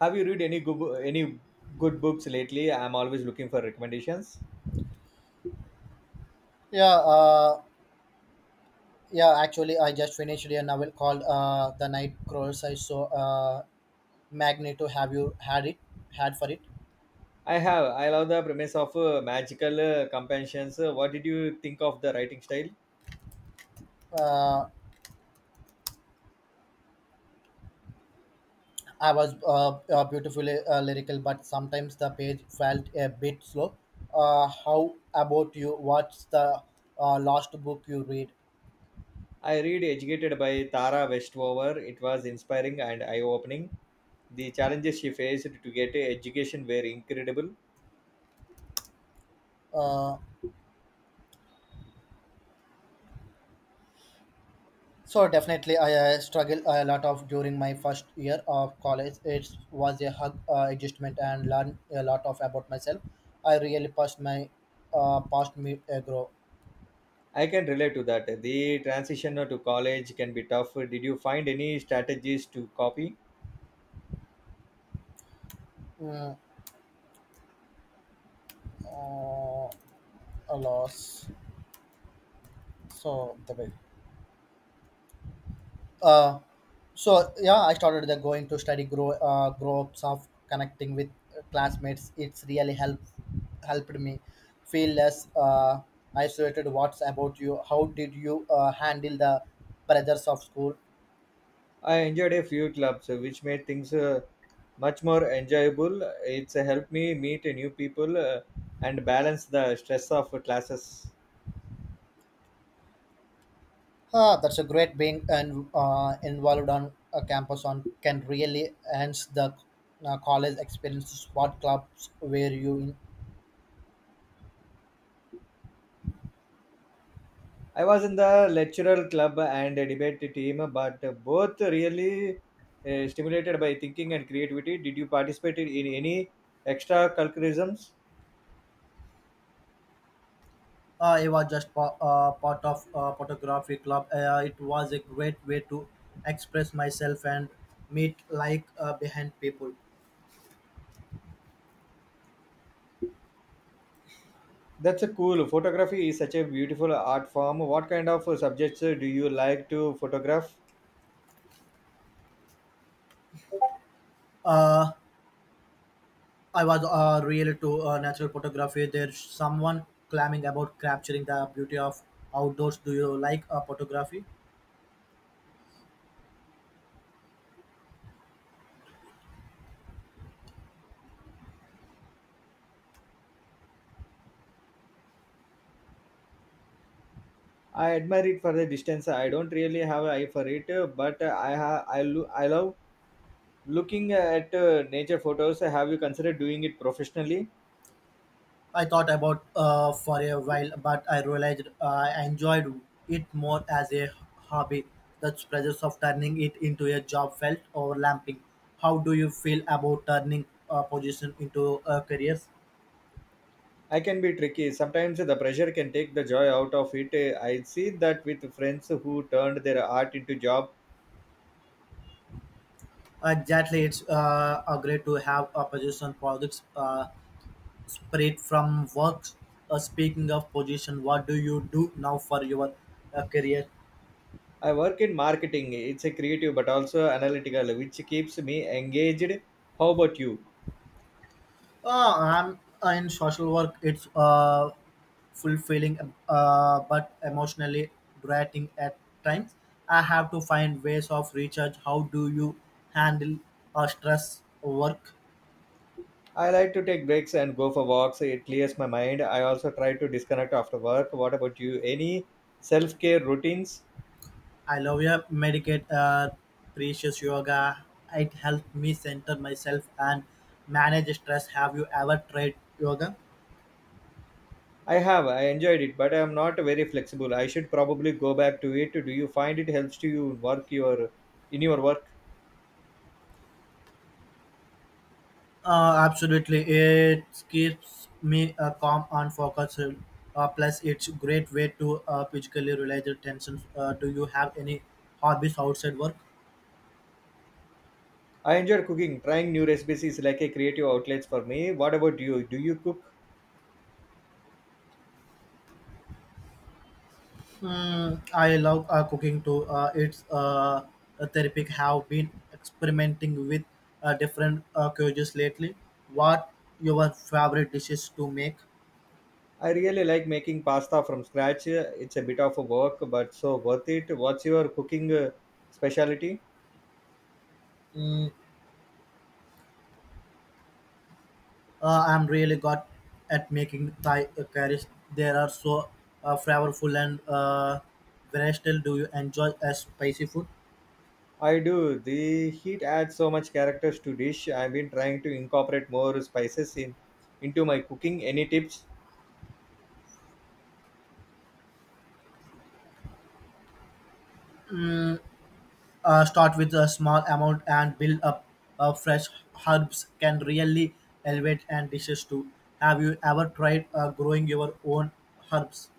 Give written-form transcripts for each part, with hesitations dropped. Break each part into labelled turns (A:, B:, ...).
A: Have you read any any good books lately? I'm always looking for recommendations.
B: Yeah, uh, yeah. Actually, I just finished a novel called "The Night Crawls." I saw Magneto. Have you had it? Had for it?
A: I have. I love the premise of magical companions. What did you think of the writing style?
B: Uh, I was beautifully lyrical, but sometimes the page felt a bit slow. How about you? What's the last book you read?
A: I read Educated by Tara Westover. It was inspiring and eye-opening. The challenges she faced to get a education were incredible.
B: Uh, So definitely, I struggled a lot of during my first year of college. It was a hug adjustment and learned a lot of about myself. I really passed my past me grow
A: I can relate to that. The transition to college can be tough. Did you find any strategies to copy?
B: mm, uh, a loss. So the way. Uh, so yeah, I started the going to study grow grow ups of connecting with classmates. It's really helped me feel less isolated. What's about you? How did you handle the pressures of school?
A: I enjoyed a few clubs, which made things much more enjoyable. It's helped me meet new people and balance the stress of classes.
B: Ah, that's a great being and involved on a campus on can really enhance the college experiences. What clubs were you in?
A: I was in the lecturer club and debate team, but both really stimulated by thinking and creativity. Did you participate in any extracurriculums?
B: It was just part of photography club. It was a great way to express myself and meet like behind people.
A: That's a cool. Photography is such a beautiful art form. What kind of subjects do you like to photograph?
B: Uh, I was really to natural photography. There's someone clamming about capturing the beauty of outdoors. Do you like photography?
A: I admire it for the distance. I don't really have an eye for it, but I ha- I, lo- I love looking at nature photos. Have you considered doing it professionally?
B: I thought about for a while, but I realized I enjoyed it more as a hobby. The pressures of turning it into a job felt overlapping. How do you feel about turning a position into a career?
A: I can be tricky. Sometimes the pressure can take the joy out of it. I see that with friends who turned their art into job.
B: Exactly, it's a great to have a position projects spread from work. Speaking of position, what do you do now for your career?
A: I work in marketing. It's a creative but also analytical, which keeps me engaged. How about you?
B: I'm in social work. It's fulfilling, but emotionally draining at times. I have to find ways of recharge. How do you handle stress work?
A: I like to take breaks and go for walks. It clears my mind. I also try to disconnect after work. What about you? Any self care routines?
B: I love your medicate precious yoga. It helped me center myself and manage stress. Have you ever tried yoga?
A: I have. I enjoyed it, but I am not very flexible. I should probably go back to it. Do you find it helps to you work your in your work?
B: Absolutely, it keeps me calm and focused. Plus, it's a great way to physically release the tensions. Do you have any hobbies outside work?
A: I enjoy cooking. Trying new recipes is like a creative outlet for me. What about you? Do you cook?
B: Mm, I love cooking too. It's a therapeutic. Have been experimenting with different cuisines lately. What your favorite dishes to make?
A: I really like making pasta from scratch. It's a bit of a work, but so worth it. What's your cooking specialty?
B: Mm, I'm really good at making Thai curries. They are so flavorful and versatile. Do you enjoy a spicy food?
A: I do. The heat adds so much characters to dish. I've been trying to incorporate more spices in into my cooking. Any tips?
B: Start with a small amount and build up. Fresh herbs can really elevate and dishes too. Have you ever tried growing your own herbs?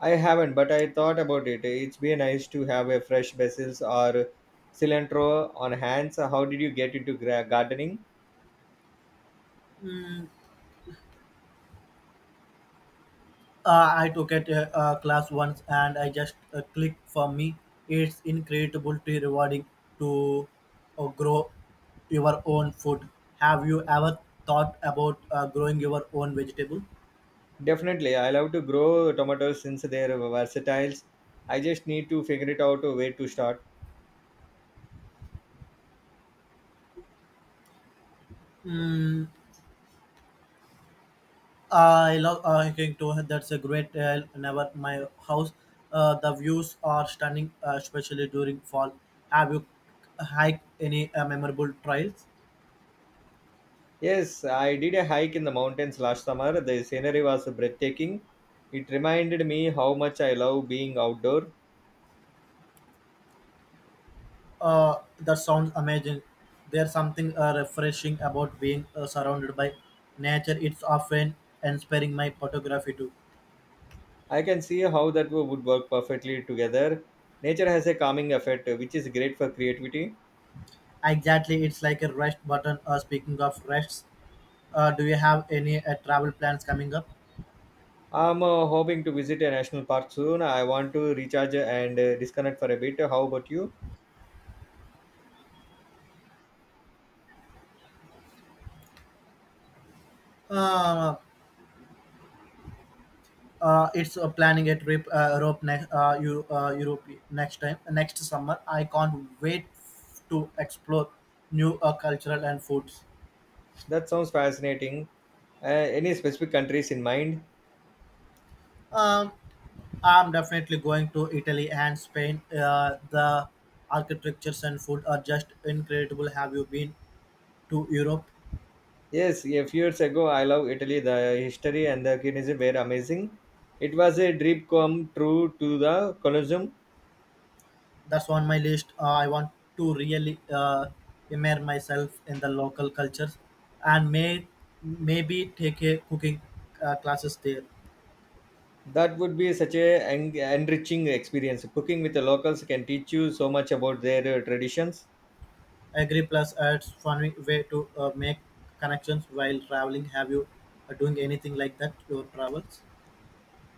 A: I haven't, but I thought about it. It's be nice to have a fresh basil or cilantro on hands. How did you get into gardening?
B: I took it a class once and I just clicked for me. It's incredibly rewarding to grow your own food. Have you ever thought about growing your own vegetable?
A: Definitely, I love to grow tomatoes since they're versatile. I just need to figure it out a way to start.
B: I love hiking too. That's a great never my house. The views are stunning, especially during fall. Have you hiked any memorable trails?
A: Yes, I did a hike in the mountains last summer. The scenery was breathtaking. It reminded me how much I love being outdoor.
B: That sounds amazing. There's something refreshing about being surrounded by nature. It's often inspiring my photography too.
A: I can see how that would work perfectly together. Nature has a calming effect, which is great for creativity.
B: Exactly, it's like a rest button. Speaking of rests, do you have any travel plans coming up?
A: I'm hoping to visit a national park soon. I want to recharge and disconnect for a bit. How about you?
B: Uh, it's planning a trip Europe next Eu- Europe next time next summer. I can't wait to explore new cultural and foods.
A: That sounds fascinating. Uh, any specific countries in mind?
B: Um, I'm definitely going to Italy and Spain. The architectures and food are just incredible. Have you been to Europe?
A: Yes, a few years ago, I love Italy. The history and the cuisine were amazing. It was a dream come true to the Colosseum.
B: That's on my list. I want to really immerse myself in the local cultures and maybe take a cooking classes there.
A: That would be such a enriching experience. Cooking with the locals can teach you so much about their traditions.
B: I agree. Plus, it's fun way to make connections while traveling. Have you doing anything like that? Your travels?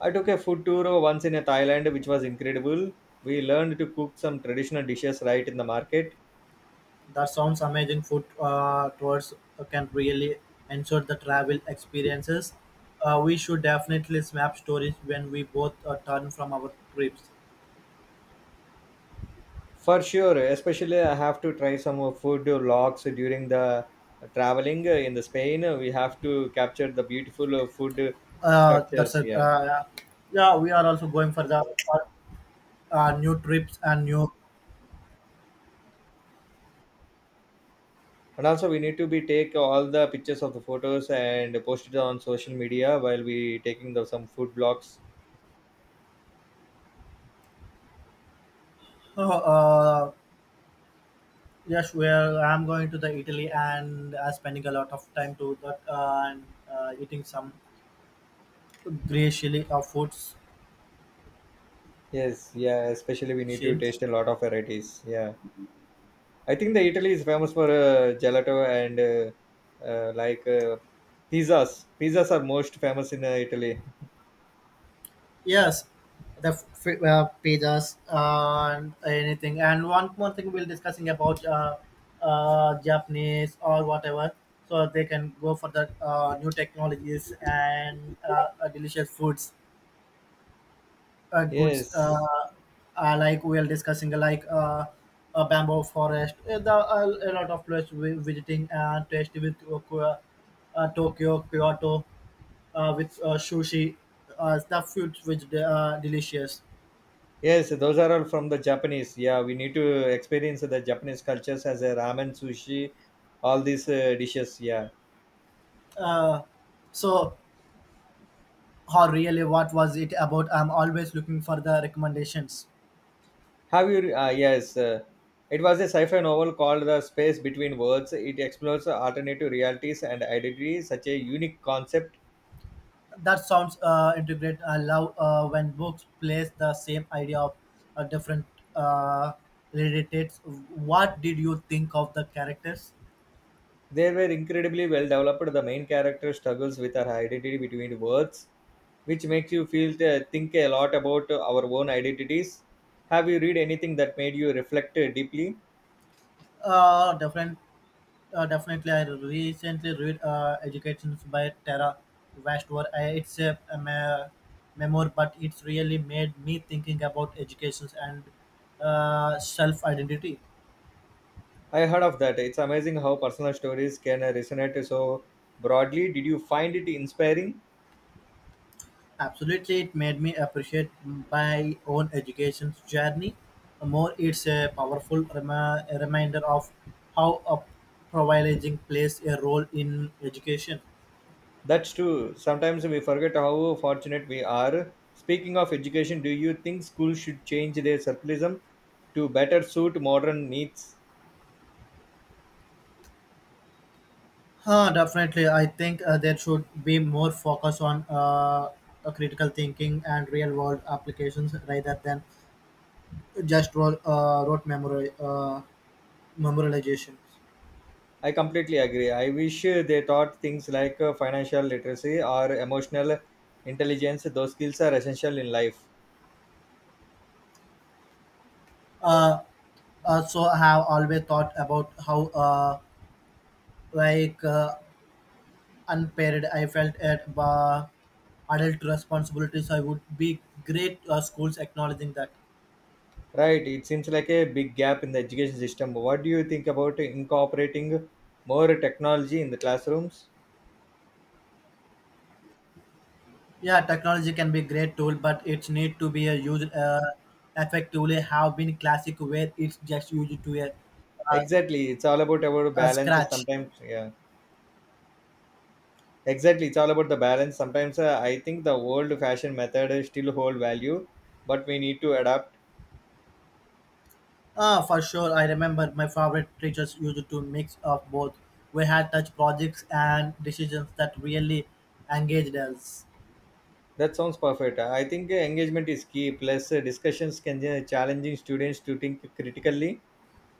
A: I took a food tour once in Thailand, which was incredible. We learned to cook some traditional dishes right in the market.
B: That sounds amazing. Food tours can really enhance the travel experiences. We should definitely snap stories when we both turn from our trips.
A: For sure, especially I have to try some food logs during the traveling in the Spain. We have to capture the beautiful food
B: That's
A: structures.
B: a
A: Yeah,
B: Yeah. We are also going for the new trips and new.
A: and also we need to be take all the pictures of the photos and post it on social media while we taking the some food blogs.
B: Uh, yes, well, I'm going to the Italy and spending a lot of time to that and eating some graciously of foods.
A: Yes, yeah. Especially we need to
B: Shin.
A: taste a lot of varieties. Yeah, I think the Italy is famous for gelato and like pizzas. Pizzas are most famous in Italy.
B: Yes, the pizzas and anything. And one more thing we'll discussing about Japanese or whatever, so they can go for the new technologies and delicious foods, goods.
A: Yes.
B: Like we'll discussing like a bamboo forest. A lot of place we visiting and tasty with Tokyo, Tokyo, Kyoto, with sushi. The foods which they are delicious.
A: Yes, those are all from the Japanese. Yeah, we need to experience the Japanese cultures as a ramen, sushi, all these dishes. Yeah.
B: Uh, so, or really, what was it about? I'm always looking for the recommendations.
A: Have you? Yes. It was a sci-fi novel called The Space Between Worlds. It explores alternative realities and identity, such a unique concept.
B: That sounds integrate. I love when books place the same idea of different uh, relatives. What did you think of the characters?
A: They were incredibly well developed. The main character struggles with her identity between worlds, which makes you feel think a lot about our own identities. Have you read anything that made you reflect deeply?
B: Different. Definitely, I recently read Educations by Tara Westover. It's a memoir, but it's really made me thinking about educations and self identity.
A: I heard of that. It's amazing how personal stories can resonate so broadly. Did you find it inspiring?
B: Absolutely, it made me appreciate my own education journey more. It's a powerful rema reminder of how a privileging plays a role in education.
A: That's true. Sometimes we forget how fortunate we are. Speaking of education, do you think schools should change their circulism to better suit modern needs?
B: Huh, definitely, I think there should be more focus on critical thinking and real-world applications rather than just rote memorization.
A: I completely agree. I wish they taught things like financial literacy or emotional intelligence. Those skills are essential in life.
B: Uh, so I have always thought about how like. Uh, unpaired. I felt at bar adult responsibilities. I would be great schools acknowledging that.
A: Right, it seems like a big gap in the education system. What do you think about incorporating more technology in the classrooms?
B: Yeah, technology can be a great tool, but it need to be used effectively. Have been classic where it's just used to a,
A: Exactly, it's all about our
B: a
A: balance.
B: scratch.
A: Sometimes, yeah, exactly, it's all about the balance. Sometimes I think the old fashioned method still hold value, but we need to adapt.
B: Ah, for sure. I remember my favorite teachers used to mix of both. We had touch projects and decisions that really engaged us.
A: That sounds perfect. I think engagement is key. Plus, discussions can challenging students to think critically.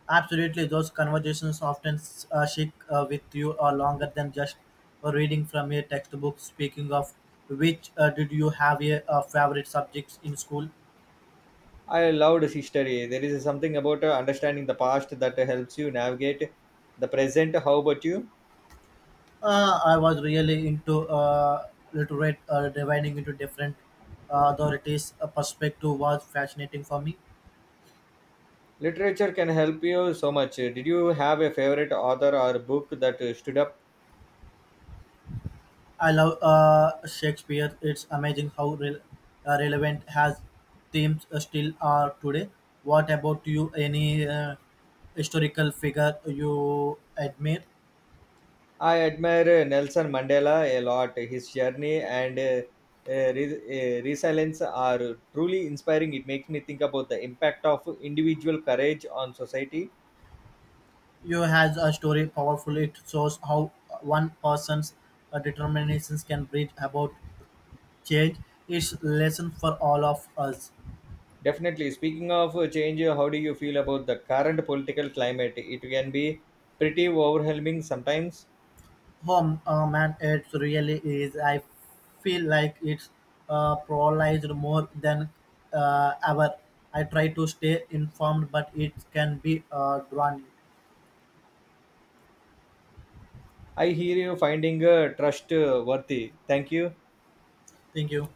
B: Absolutely, those conversations often stick with you longer than just reading from a textbook. Speaking of which, did you have a favorite subjects in school?
A: I loved history. There is something about understanding the past that helps you navigate the present. How about you?
B: I was really into literate dividing into different authorities. A perspective was fascinating for me.
A: Literature can help you so much. Did you have a favorite author or book that stood up?
B: I love Shakespeare. It's amazing how relevant has themes still are today. What about you? Any historical figure you admire?
A: I admire Nelson Mandela a lot. His journey and resilience are truly inspiring. It makes me think about the impact of individual courage on society.
B: You has a story powerful. It shows how one person's determinations can bring about change. It's lesson for all of us.
A: Definitely. Speaking of change, how do you feel about the current political climate? It can be pretty overwhelming sometimes.
B: Oh, man, it really is. I feel like it's polarized more than ever. I try to stay informed, but it can be draining.
A: I hear you finding trust worthy. Thank you.
B: Thank you.